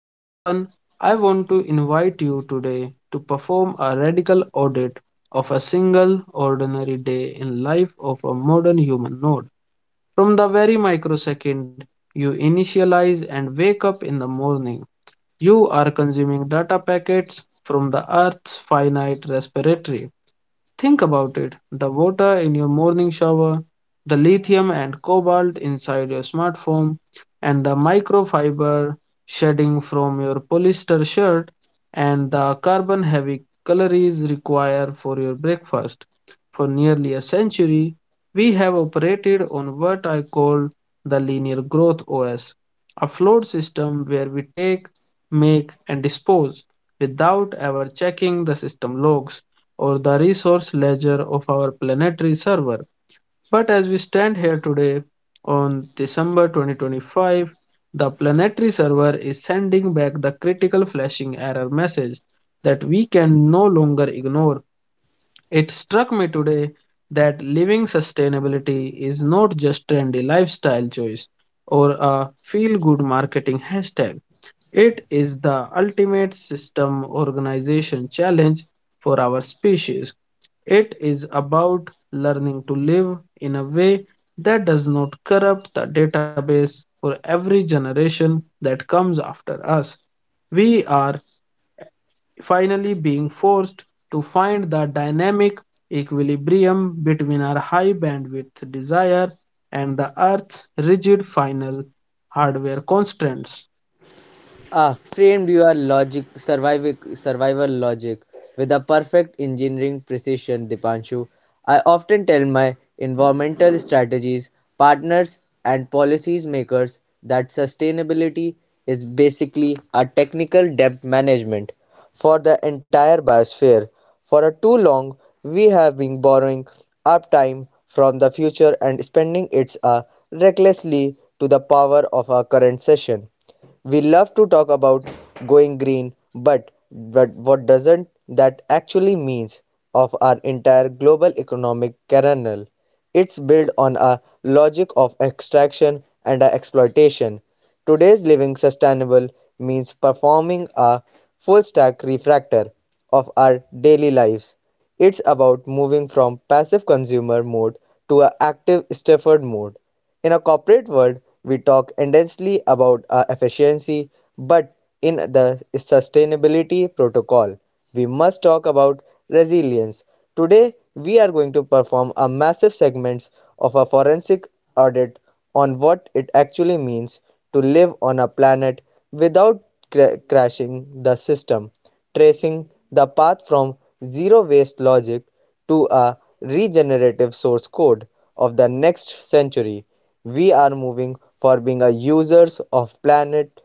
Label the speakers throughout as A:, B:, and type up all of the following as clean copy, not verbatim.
A: So, Sampan, I want to invite you today to perform a radical audit of a single ordinary day in life of a modern human node. From the very microsecond you initialize and wake up in the morning, you are consuming data packets from the Earth's finite respiratory. Think about it. The water in your morning shower, the lithium and cobalt inside your smartphone, and the microfiber shedding from your polyester shirt, and the carbon heavy calories required for your breakfast. For nearly a century, we have operated on what I call the linear growth OS, a flawed system where we take, make, and dispose without ever checking the system logs or the resource ledger of our planetary server. But as we stand here today on December 2025, the planetary server is sending back the critical flashing error message that we can no longer ignore. It struck me today that living sustainability is not just trendy lifestyle choice or a feel good marketing hashtag. It is the ultimate system organization challenge for our species. It is about learning to live in a way that does not corrupt the database for every generation that comes after us. We are finally being forced to find the dynamic equilibrium between our high bandwidth desire and the Earth's rigid final hardware constraints.
B: A framed viewer logic, survival logic with a perfect engineering precision, Dipanshu. I often tell my environmental strategies, partners and policies makers that sustainability is basically a technical debt management for the entire biosphere. For a too long, we have been borrowing uptime from the future and spending it recklessly to the power of our current session. We love to talk about going green, but what doesn't that actually means of our entire global economic kernel? It's built on a logic of extraction and a exploitation. Today's living sustainable means performing a full stack refractor of our daily lives. It's about moving from passive consumer mode to an active Stafford mode. In a corporate world, we talk intensely about our efficiency, but in the sustainability protocol, we must talk about resilience. Today, we are going to perform a massive segments of a forensic audit on what it actually means to live on a planet without crashing the system, tracing the path from zero waste logic to a regenerative source code of the next century. We are moving from being a users of planet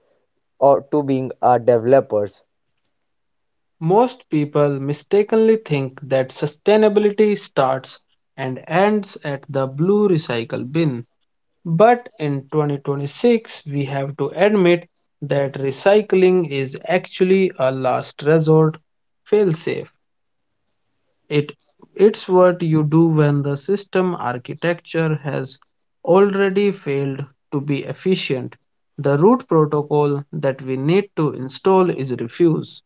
B: or to being a developers.
A: Most people mistakenly think that sustainability starts and ends at the blue recycle bin. But in 2026, we have to admit that recycling is actually a last resort failsafe. It, it's what you do when the system architecture has already failed to be efficient. The root protocol that we need to install is refuse.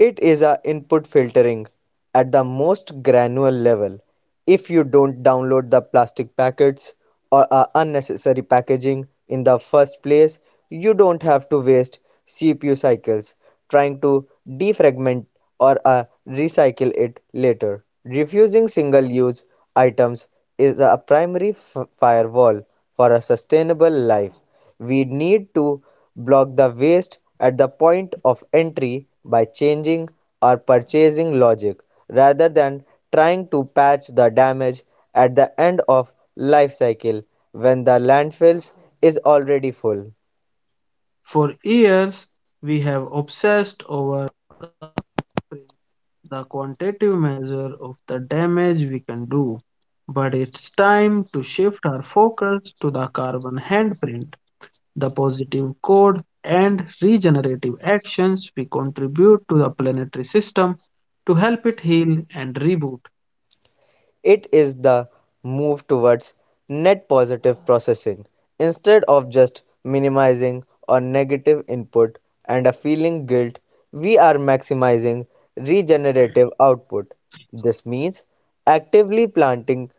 B: It is a input filtering at the most granular level. If you don't download the plastic packets or a unnecessary packaging in the first place, you don't have to waste CPU cycles trying to defragment or recycle it later. Refusing single-use items is a primary firewall for a sustainable life. We need to block the waste at the point of entry by changing our purchasing logic rather than trying to patch the damage at the end of life cycle when the landfills is already full.
A: For years, we have obsessed over the quantitative measure of the damage we can do. But it's time to shift our focus to the carbon handprint, the positive code, and regenerative actions we contribute to the planetary system to help it heal and reboot.
B: It is the move towards net positive processing instead of just minimizing or negative input, and a feeling guilt. We are maximizing regenerative output. This means actively planting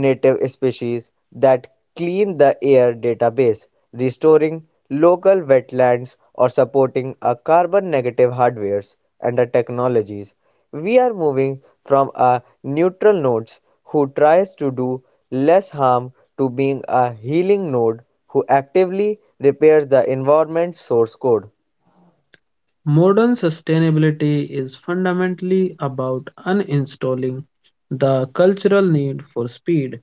B: native species that clean the air database, restoring local wetlands or supporting a carbon negative hardwares and technologies. We are moving from a neutral node who tries to do less harm to being a healing node who actively repairs the environment's source code.
A: Modern sustainability is fundamentally about uninstalling the cultural need for speed.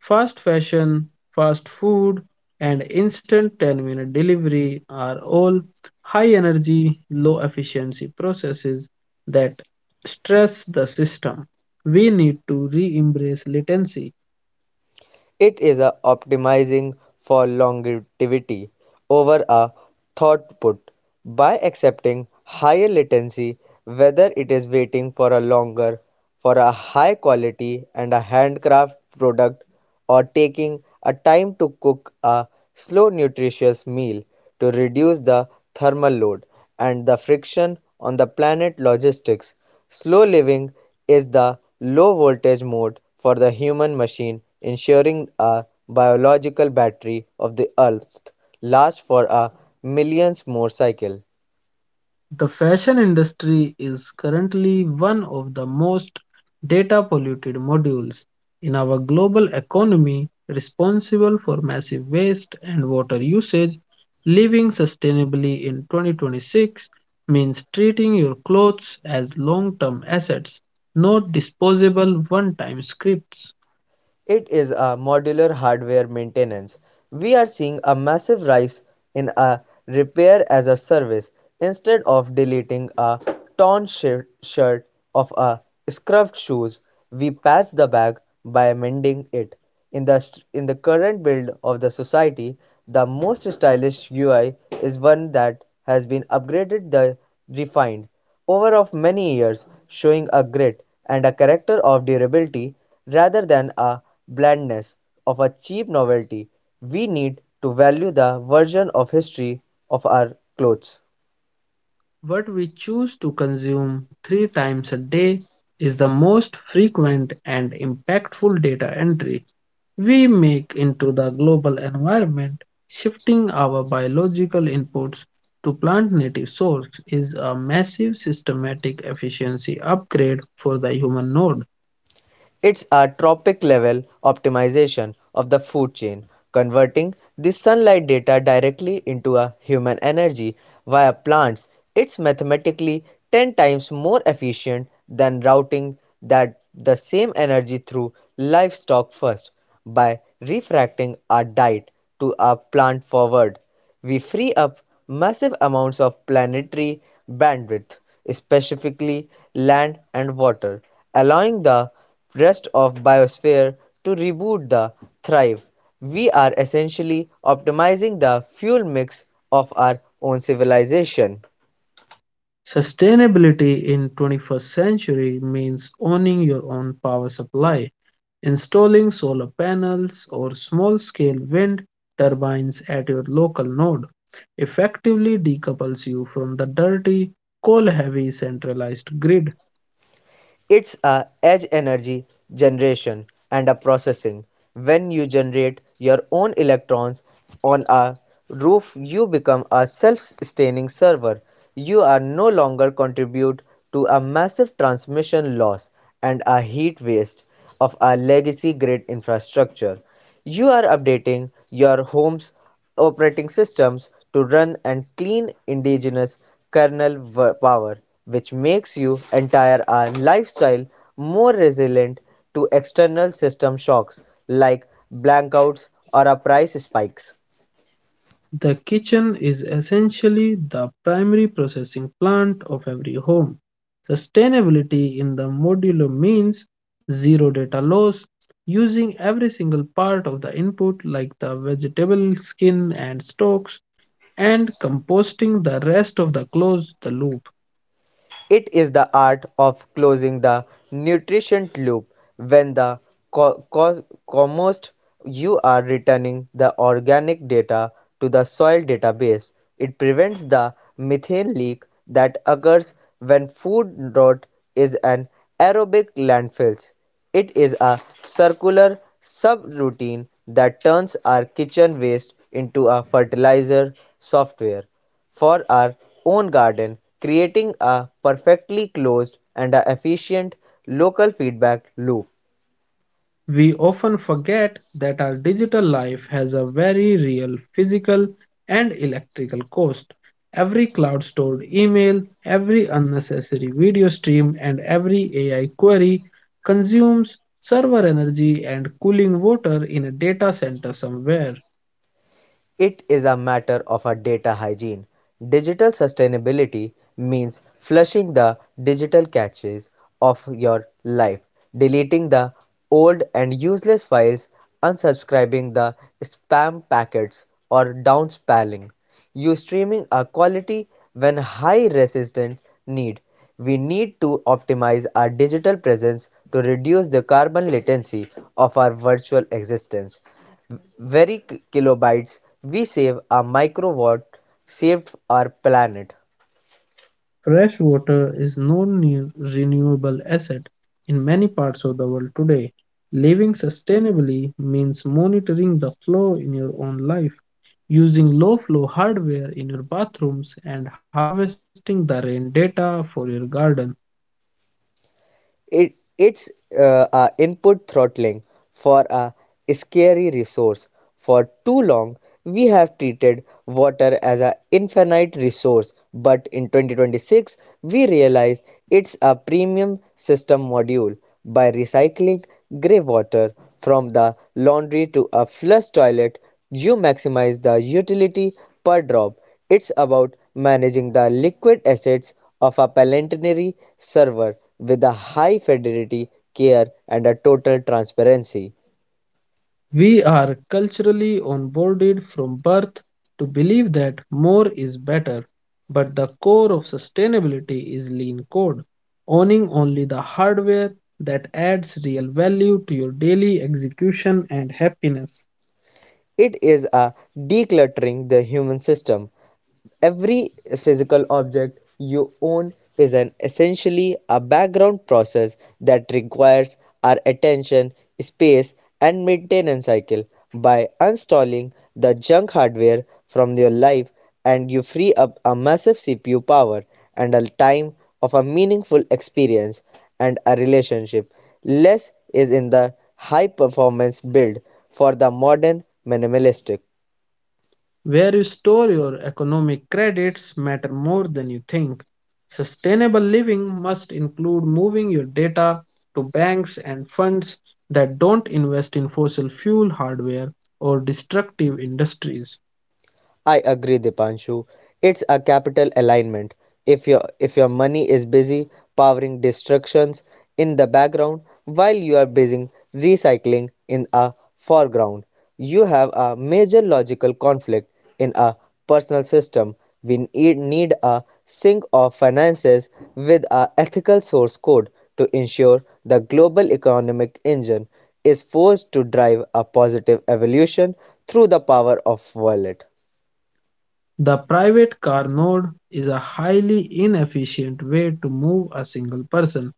A: Fast fashion, fast food, and instant 10-minute delivery are all high-energy, low-efficiency processes that stress the system. We need to re-embrace latency.
B: It is a optimizing for longevity over a throughput by accepting higher latency, whether it is waiting for a longer for a high quality and a handcraft product, or taking a time to cook a slow nutritious meal to reduce the thermal load and the friction on the planet logistics. Slow living is the low-voltage mode for the human machine, ensuring a biological battery of the Earth lasts for a millions more cycles.
A: The fashion industry is currently one of the most data polluted modules in our global economy, responsible for massive waste and water usage. Living sustainably in 2026 means treating your clothes as long term assets, not disposable one time scripts.
B: It is a modular hardware maintenance. We are seeing a massive rise in a repair as a service instead of deleting a torn shirt of a scuffed shoes. We patch the bag by mending it. In the in the current build of the society, the most stylish UI is one that has been upgraded, the refined over of many years, showing a grit and a character of durability rather than a blandness of a cheap novelty. We need to value the version of history of our clothes.
A: What we choose to consume three times a day is the most frequent and impactful data entry we make into the global environment, shifting our biological inputs to plant native source is a massive systematic efficiency upgrade for the human node.
B: It's a tropic level optimization of the food chain, converting the sunlight data directly into a human energy via plants. It's mathematically 10 times more efficient than routing that the same energy through livestock first. By refracting our diet to a plant forward, we free up massive amounts of planetary bandwidth, specifically land and water, allowing the rest of biosphere to reboot the thrive. We are essentially optimizing the fuel mix of our own civilization.
A: Sustainability in 21st century means owning your own power supply, installing solar panels or small-scale wind turbines at your local node effectively decouples you from the dirty, coal heavy centralized grid.
B: It's a edge energy generation and a processing. When you generate your own electrons on a roof, you become a self-sustaining server. You are no longer contribute to a massive transmission loss and a heat waste of our legacy grid infrastructure. You are updating your home's operating systems to run and clean indigenous kernel power, which makes your entire lifestyle more resilient to external system shocks like blackouts or price spikes.
A: The kitchen is essentially the primary processing plant of every home. Sustainability in the modulo means zero data loss, using every single part of the input like the vegetable skin and stalks, and composting the rest of the close the loop.
B: It is the art of closing the nutrient loop. When the co- cos- compost, you are returning the organic data to the soil database. It prevents the methane leak that occurs when food rot is an aerobic landfills. It is a circular subroutine that turns our kitchen waste into a fertilizer software for our own garden, creating a perfectly closed and a efficient local feedback loop.
A: We often forget that our digital life has a very real physical and electrical cost. Every cloud stored email, every unnecessary video stream, and every AI query consumes server energy and cooling water in a data center somewhere.
B: It is a matter of a data hygiene. Digital sustainability means flushing the digital caches of your life, deleting the old and useless files, unsubscribing the spam packets or downspelling. You streaming a quality when high resistance need. We need to optimize our digital presence to reduce the carbon latency of our virtual existence. Very kilobytes we save, a microwatt saved our planet.
A: Fresh water is non-renewable asset in many parts of the world today. Living sustainably means monitoring the flow in your own life, using low flow hardware in your bathrooms, and harvesting the rain data for your garden.
B: It's a input throttling for a scary resource. For too long, we have treated water as an infinite resource, but in 2026, we realize it's a premium system module. By recycling grey water from the laundry to a flush toilet, you maximize the utility per drop. It's about managing the liquid assets of a Palantir server with a high fidelity care and a total transparency.
A: We are culturally onboarded from birth to believe that more is better, but the core of sustainability is lean code, owning only the hardware that adds real value to your daily execution and happiness.
B: It is a decluttering the human system. Every physical object you own is an essentially a background process that requires our attention, space, and maintenance cycle. By uninstalling the junk hardware from your life, and you free up a massive CPU power and a time of a meaningful experience and a relationship. Less is in the high performance build for the modern minimalistic.
A: Where you store your economic credits matter more than you think. Sustainable living must include moving your data to banks and funds that don't invest in fossil fuel hardware or destructive industries.
B: I agree, Dipanshu. It's a capital alignment. If your money is busy powering destructions in the background while you are busy recycling in a foreground, you have a major logical conflict in a personal system. We need a sync of finances with a ethical source code to ensure the global economic engine is forced to drive a positive evolution through the power of wallet.
A: The private car node is a highly inefficient way to move a single person.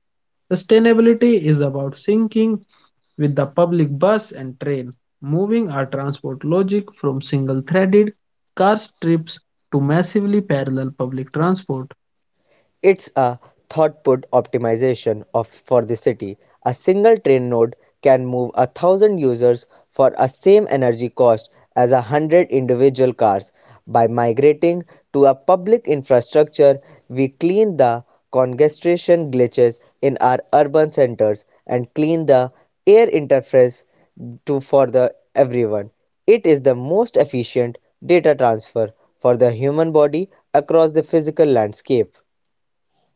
A: Sustainability is about syncing with the public bus and train, moving our transport logic from single-threaded car trips to massively parallel public transport.
B: It's a throughput optimization of for the city. A single train node can move a thousand users for a same energy cost as a hundred individual cars. By migrating to a public infrastructure, we clean the congestion glitches in our urban centers and clean the air interface to for the everyone. It is the most efficient data transfer for the human body across the physical landscape.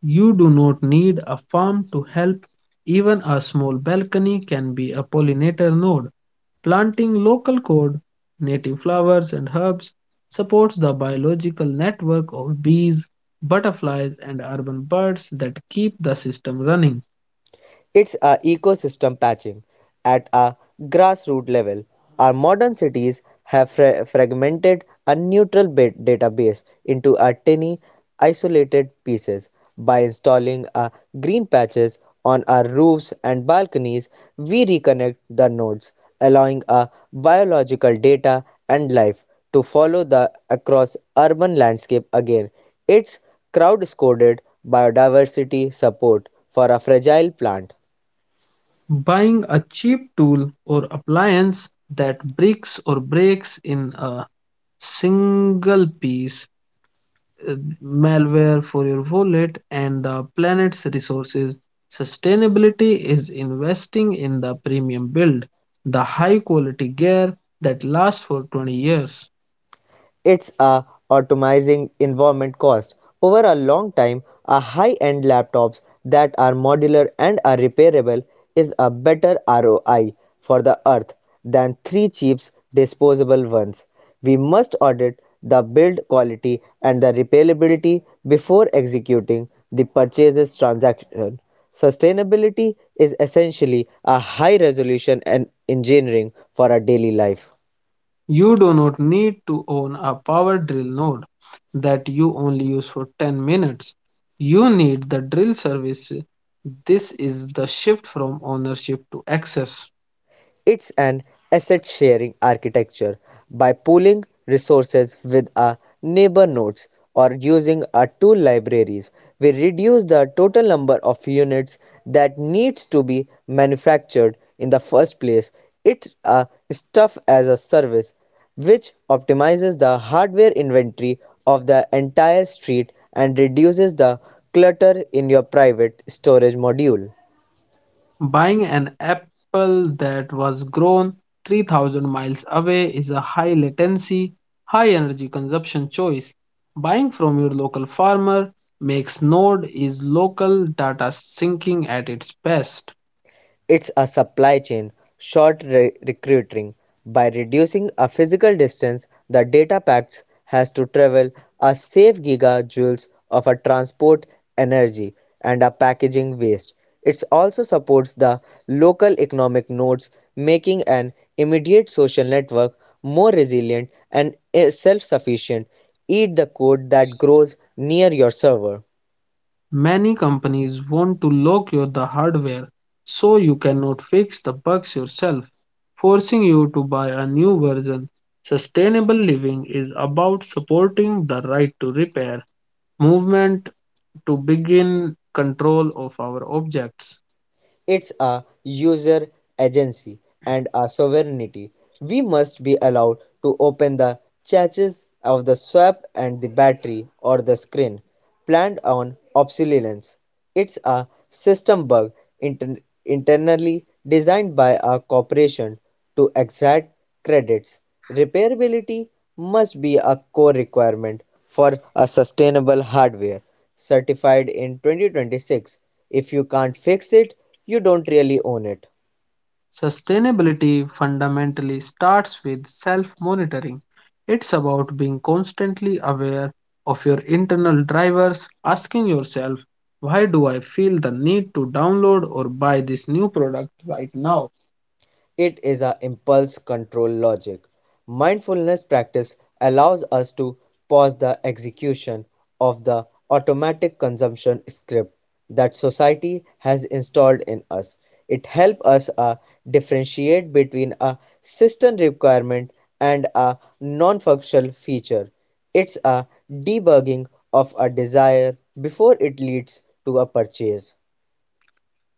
A: You do not need a farm to help. Even a small balcony can be a pollinator node. Planting local code, native flowers and herbs supports the biological network of bees, butterflies, and urban birds that keep the system running.
B: It's a ecosystem patching at a grassroots level. Our modern cities have fragmented a neutral database into a tiny isolated pieces. By installing a green patches on our roofs and balconies, we reconnect the nodes, allowing a biological data and life to follow the across urban landscape again. It's crowd-scored biodiversity support for a fragile plant.
A: Buying a cheap tool or appliance that bricks or breaks in a single piece, uh, malware for your wallet and the planet's resources. Sustainability is investing in the premium build, the high quality gear that lasts for 20 years.
B: It's a optimizing environment cost. Over a long time, a high-end laptops that are modular and are repairable is a better ROI for the earth than three cheap disposable ones. We must audit the build quality and the repairability before executing the purchases transaction. Sustainability is essentially a high resolution and engineering for our daily life.
A: You do not need to own a power drill node that you only use for 10 minutes. You need the drill service. This is the shift from ownership to access.
B: It's an asset sharing architecture. By pooling resources with our neighbor nodes or using our tool libraries, we reduce the total number of units that needs to be manufactured in the first place. It's a stuff as a service, which optimizes the hardware inventory of the entire street and reduces the clutter in your private storage module.
A: Buying an apple that was grown 3,000 miles away is a high latency, high energy consumption choice. Buying from your local farmer makes Node is local data syncing at its best.
B: It's a supply chain short recruiting. By reducing a physical distance, the data packet has to travel a safe gigajoules of a transport energy and a packaging waste. It also supports the local economic nodes, making an immediate social network more resilient and self sufficient. Eat the code that grows near your server.
A: Many companies want to lock your the hardware so you cannot fix the bugs yourself, forcing you to buy a new version. Sustainable living is about supporting the right to repair movement to begin control of our objects.
B: It's a user agency and a sovereignty. We must be allowed to open the catches of the swap and the battery or the screen planned on obsolescence. It's a system bug inter- internally designed by a corporation to exact credits. Repairability must be a core requirement for a sustainable hardware certified in 2026. If you can't fix it, you don't really own it.
A: Sustainability fundamentally starts with self monitoring. It's about being constantly aware of your internal drivers, asking yourself, why do I feel the need to download or buy this new product right now?
B: It is a impulse control logic. Mindfulness practice allows us to pause the execution of the automatic consumption script that society has installed in us. It helps us differentiate between a system requirement and a non functional feature. It's a debugging of a desire before it leads to a purchase.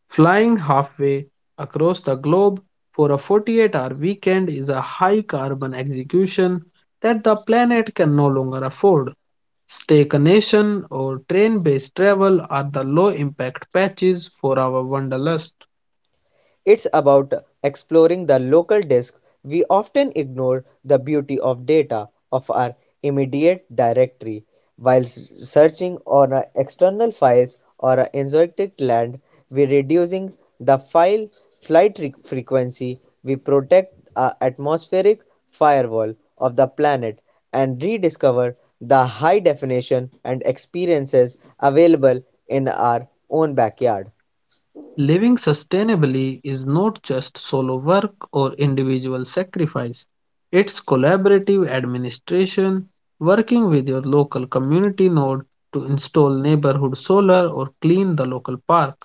A: Flying halfway across the globe for a 48-hour weekend is a high carbon execution that the planet can no longer afford. Staycation or train-based travel are the low-impact patches for our wanderlust.
B: It's about exploring the local disk. We often ignore the beauty of data of our immediate directory while searching on our external files or our esoteric land. We're reducing the file flight frequency. We protect our atmospheric firewall of the planet and rediscover the high definition and experiences available in our own backyard.
A: Living sustainably is not just solo work or individual sacrifice. It's collaborative administration, working with your local community node to install neighborhood solar or clean the local park.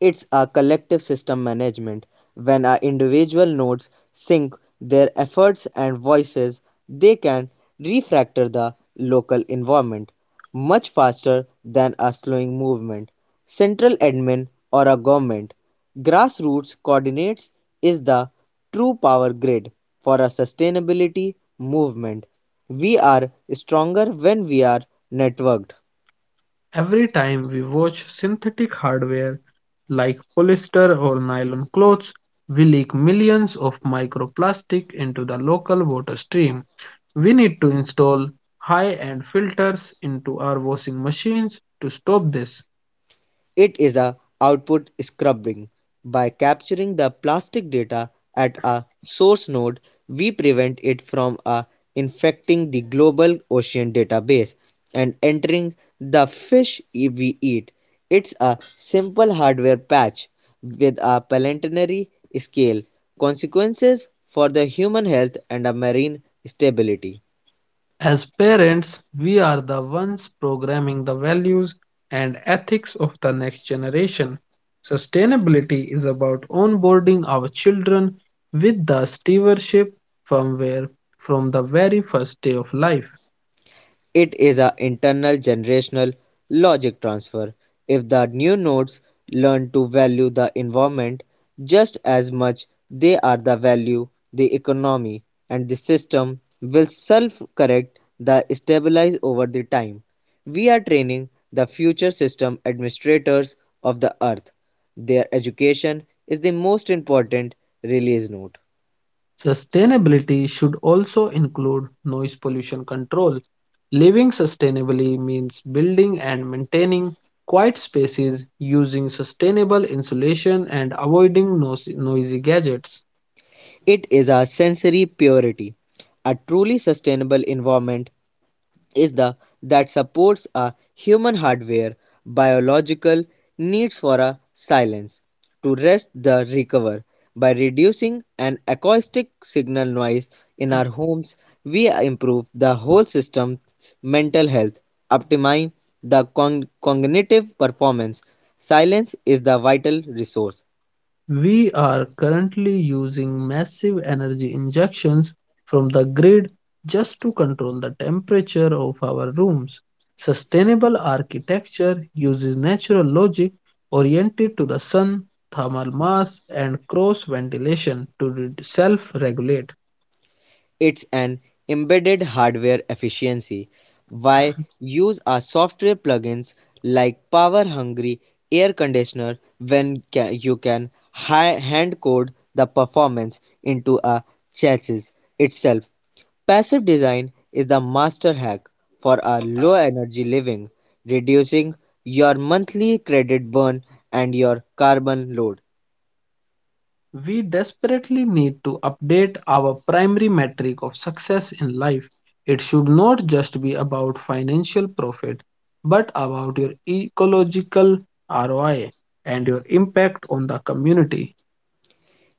B: It's a collective system management. When our individual nodes sync their efforts and voices, they can refactor the local environment much faster than a slowing movement, central admin, or a government. Grassroots coordinates is the true power grid for a sustainability movement. We are stronger when we are networked.
A: Every time we watch synthetic hardware like polyester or nylon clothes, we leak millions of microplastic into the local water stream. We need to install high end filters into our washing machines to stop this.
B: It is a output scrubbing. By capturing the plastic data at a source node, we prevent it from a infecting the global ocean database and entering the fish we eat. It's a simple hardware patch with a planetary scale consequences for the human health and a marine stability.
A: As parents, we are the ones programming the values and ethics of the next generation. Sustainability is about onboarding our children with the stewardship firmware from the very first day of life.
B: It is an internal generational logic transfer. If the new nodes learn to value the environment just as much they are the value the economy and the system will self correct the stabilize over the time. We are training the future system administrators of the earth. Their education is the most important release note.
A: Sustainability should also include noise pollution control. Living sustainably means building and maintaining quiet spaces, using sustainable insulation, and avoiding noisy gadgets.
B: It is a sensory purity. A truly sustainable environment is the that supports a human hardware biological needs for a silence to rest the recover. By reducing an acoustic signal noise in our homes we improve the whole system's mental health, optimize the cognitive performance. Silence is the vital resource.
A: We are currently using massive energy injections from the grid just to control the temperature of our rooms. Sustainable architecture uses natural logic oriented to the sun, thermal mass, and cross ventilation to self regulate.
B: It's an embedded hardware efficiency. Why use a software plugins like power hungry air conditioner when you can hand code the performance into a chassis itself? Passive design is the master hack for a low energy living, reducing your monthly credit burn and your carbon load.
A: We desperately need to update our primary metric of success in life. It should not just be about financial profit, but about your ecological ROI and your impact on the community.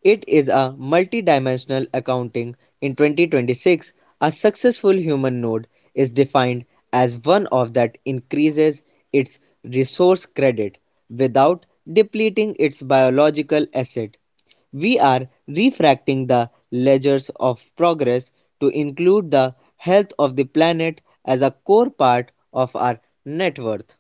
B: It is a multidimensional accounting in 2026. A successful human node is defined as one of that increases its resource credit without depleting its biological asset. We are refracting the ledgers of progress to include the health of the planet as a core part of our net worth.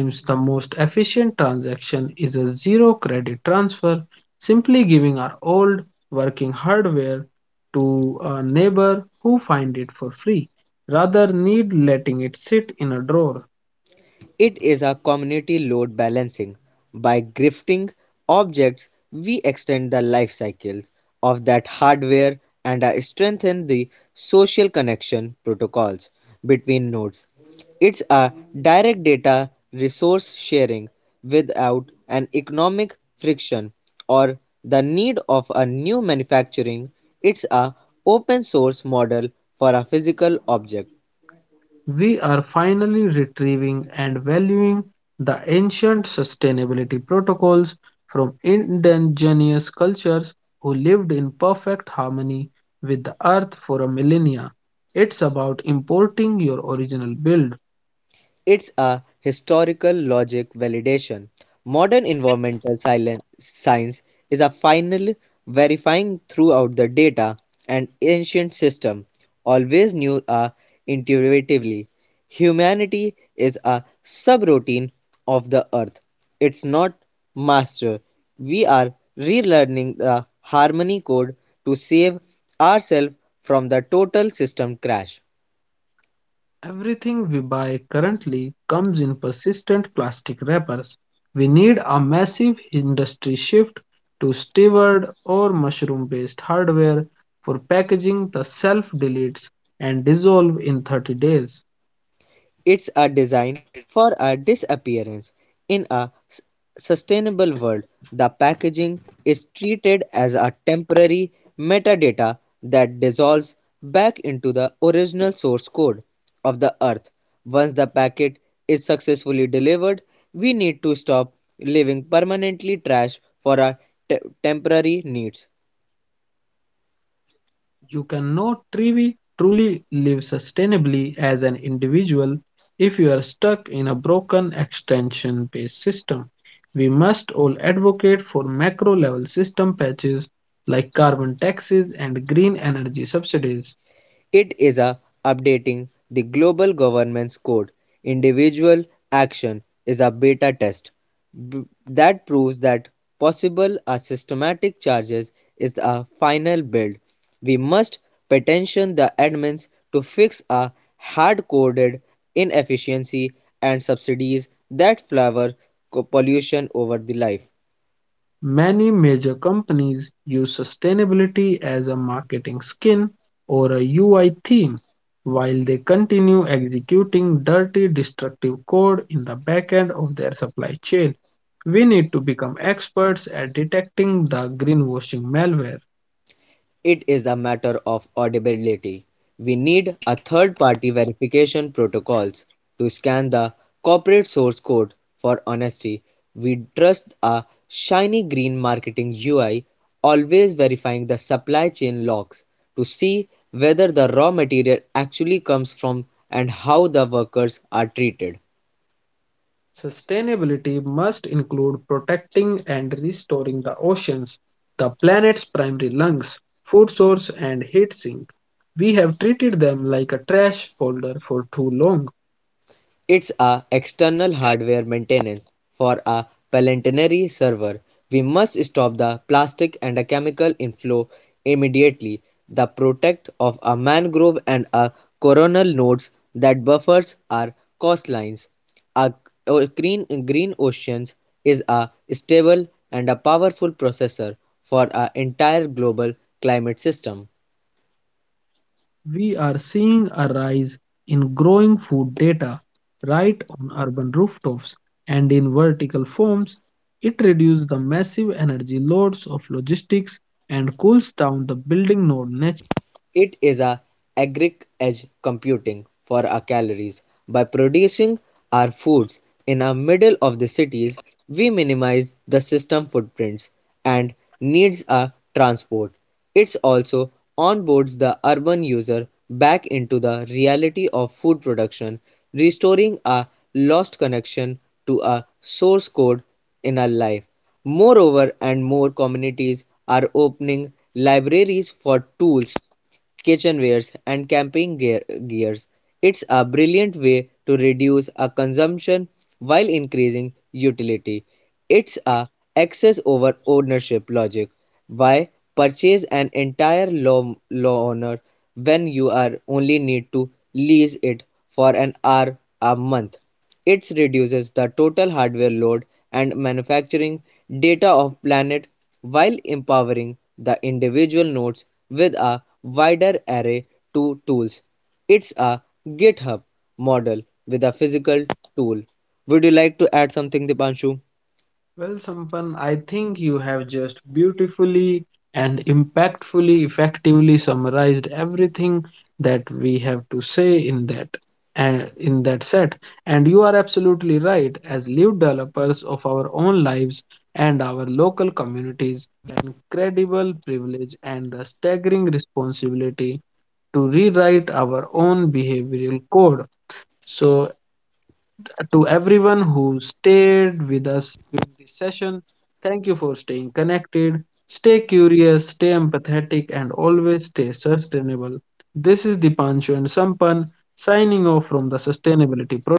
A: Sometimes the most efficient transaction is a zero credit transfer, simply giving our old working hardware to a neighbor who finds it for free rather need letting it sit in a drawer.
B: It is a community load balancing; by grifting objects we extend the life cycles of that hardware and strengthen the social connection protocols between nodes. It's a direct data resource sharing without an economic friction or the need of a new manufacturing. It's a open source model for a physical object.
A: We are finally retrieving and valuing the ancient sustainability protocols from indigenous cultures who lived in perfect harmony with the earth for a millennia. It's about importing your original build.
B: It's a historical logic validation. Modern environmental science is a final verifying throughout the data, and ancient system always knew a intuitively. Humanity is a subroutine of the earth. It's not master. We are relearning the harmony code to save ourselves from the total system crash.
A: Everything we buy currently comes in persistent plastic wrappers. We need a massive industry shift to steward or mushroom based hardware for packaging that self deletes and dissolve in 30 days.
B: It's a design for a disappearance. In a sustainable world, the packaging is treated as a temporary metadata that dissolves back into the original source code of the earth. Once the packet is successfully delivered, we need to stop leaving permanently trash for our temporary needs.
A: You cannot truly live sustainably as an individual if you are stuck in a broken extension based system. We must all advocate for macro level system patches like carbon taxes and green energy subsidies.
B: It is a updating the Global Governance Code. Individual action is a beta test B that proves that possible a systematic charges is a final build. We must petition the admins to fix a hard-coded inefficiency and subsidies that flower pollution over the life.
A: Many major companies use sustainability as a marketing skin or a UI theme, while they continue executing dirty, destructive code in the backend of their supply chain. We need to become experts at detecting the greenwashing malware.
B: It is a matter of audibility. We need a third-party verification protocols to scan the corporate source code for honesty. We trust a shiny green marketing UI, always verifying the supply chain logs to see whether the raw material actually comes from and how the workers are treated.
A: Sustainability must include protecting and restoring the oceans, the planet's primary lungs, food source, and heat sink. We have treated them like a trash folder for too long.
B: It's a external hardware maintenance for a Palantirnary server. We must stop the plastic and a chemical inflow immediately. The protect of a mangrove and a coronal nodes that buffers our coastlines. A green green oceans is a stable and a powerful processor for our entire global climate system.
A: We are seeing a rise in growing food data right on urban rooftops and in vertical forms. It reduces the massive energy loads of logistics and cools down the building node.
B: It is a agric edge computing for our calories. By producing our foods in the middle of the cities, we minimize the system footprints and needs of transport. It also onboards the urban user back into the reality of food production, restoring a lost connection to a source code in our life. Moreover, and more communities are opening libraries for tools, kitchenwares, and camping gears. It's a brilliant way to reduce a consumption while increasing utility. It's a excess over ownership logic. Why purchase an entire law law owner when you are only need to lease it for an hour a month? It reduces the total hardware load and manufacturing data of planet while empowering the individual nodes with a wider array to tools. It's a GitHub model with a physical tool. Would you like to add something, Dipanshu?
A: Well, Sampan, I think you have just beautifully and impactfully, effectively summarized everything that we have to say in that and in that set. And you are absolutely right. As live developers of our own lives and our local communities, incredible privilege and the staggering responsibility to rewrite our own behavioral code. So, to everyone who stayed with us during this session. Thank you for staying connected. Stay curious, stay empathetic, and always stay sustainable. This is Dipanshu and Sampan signing off from the Sustainability Project.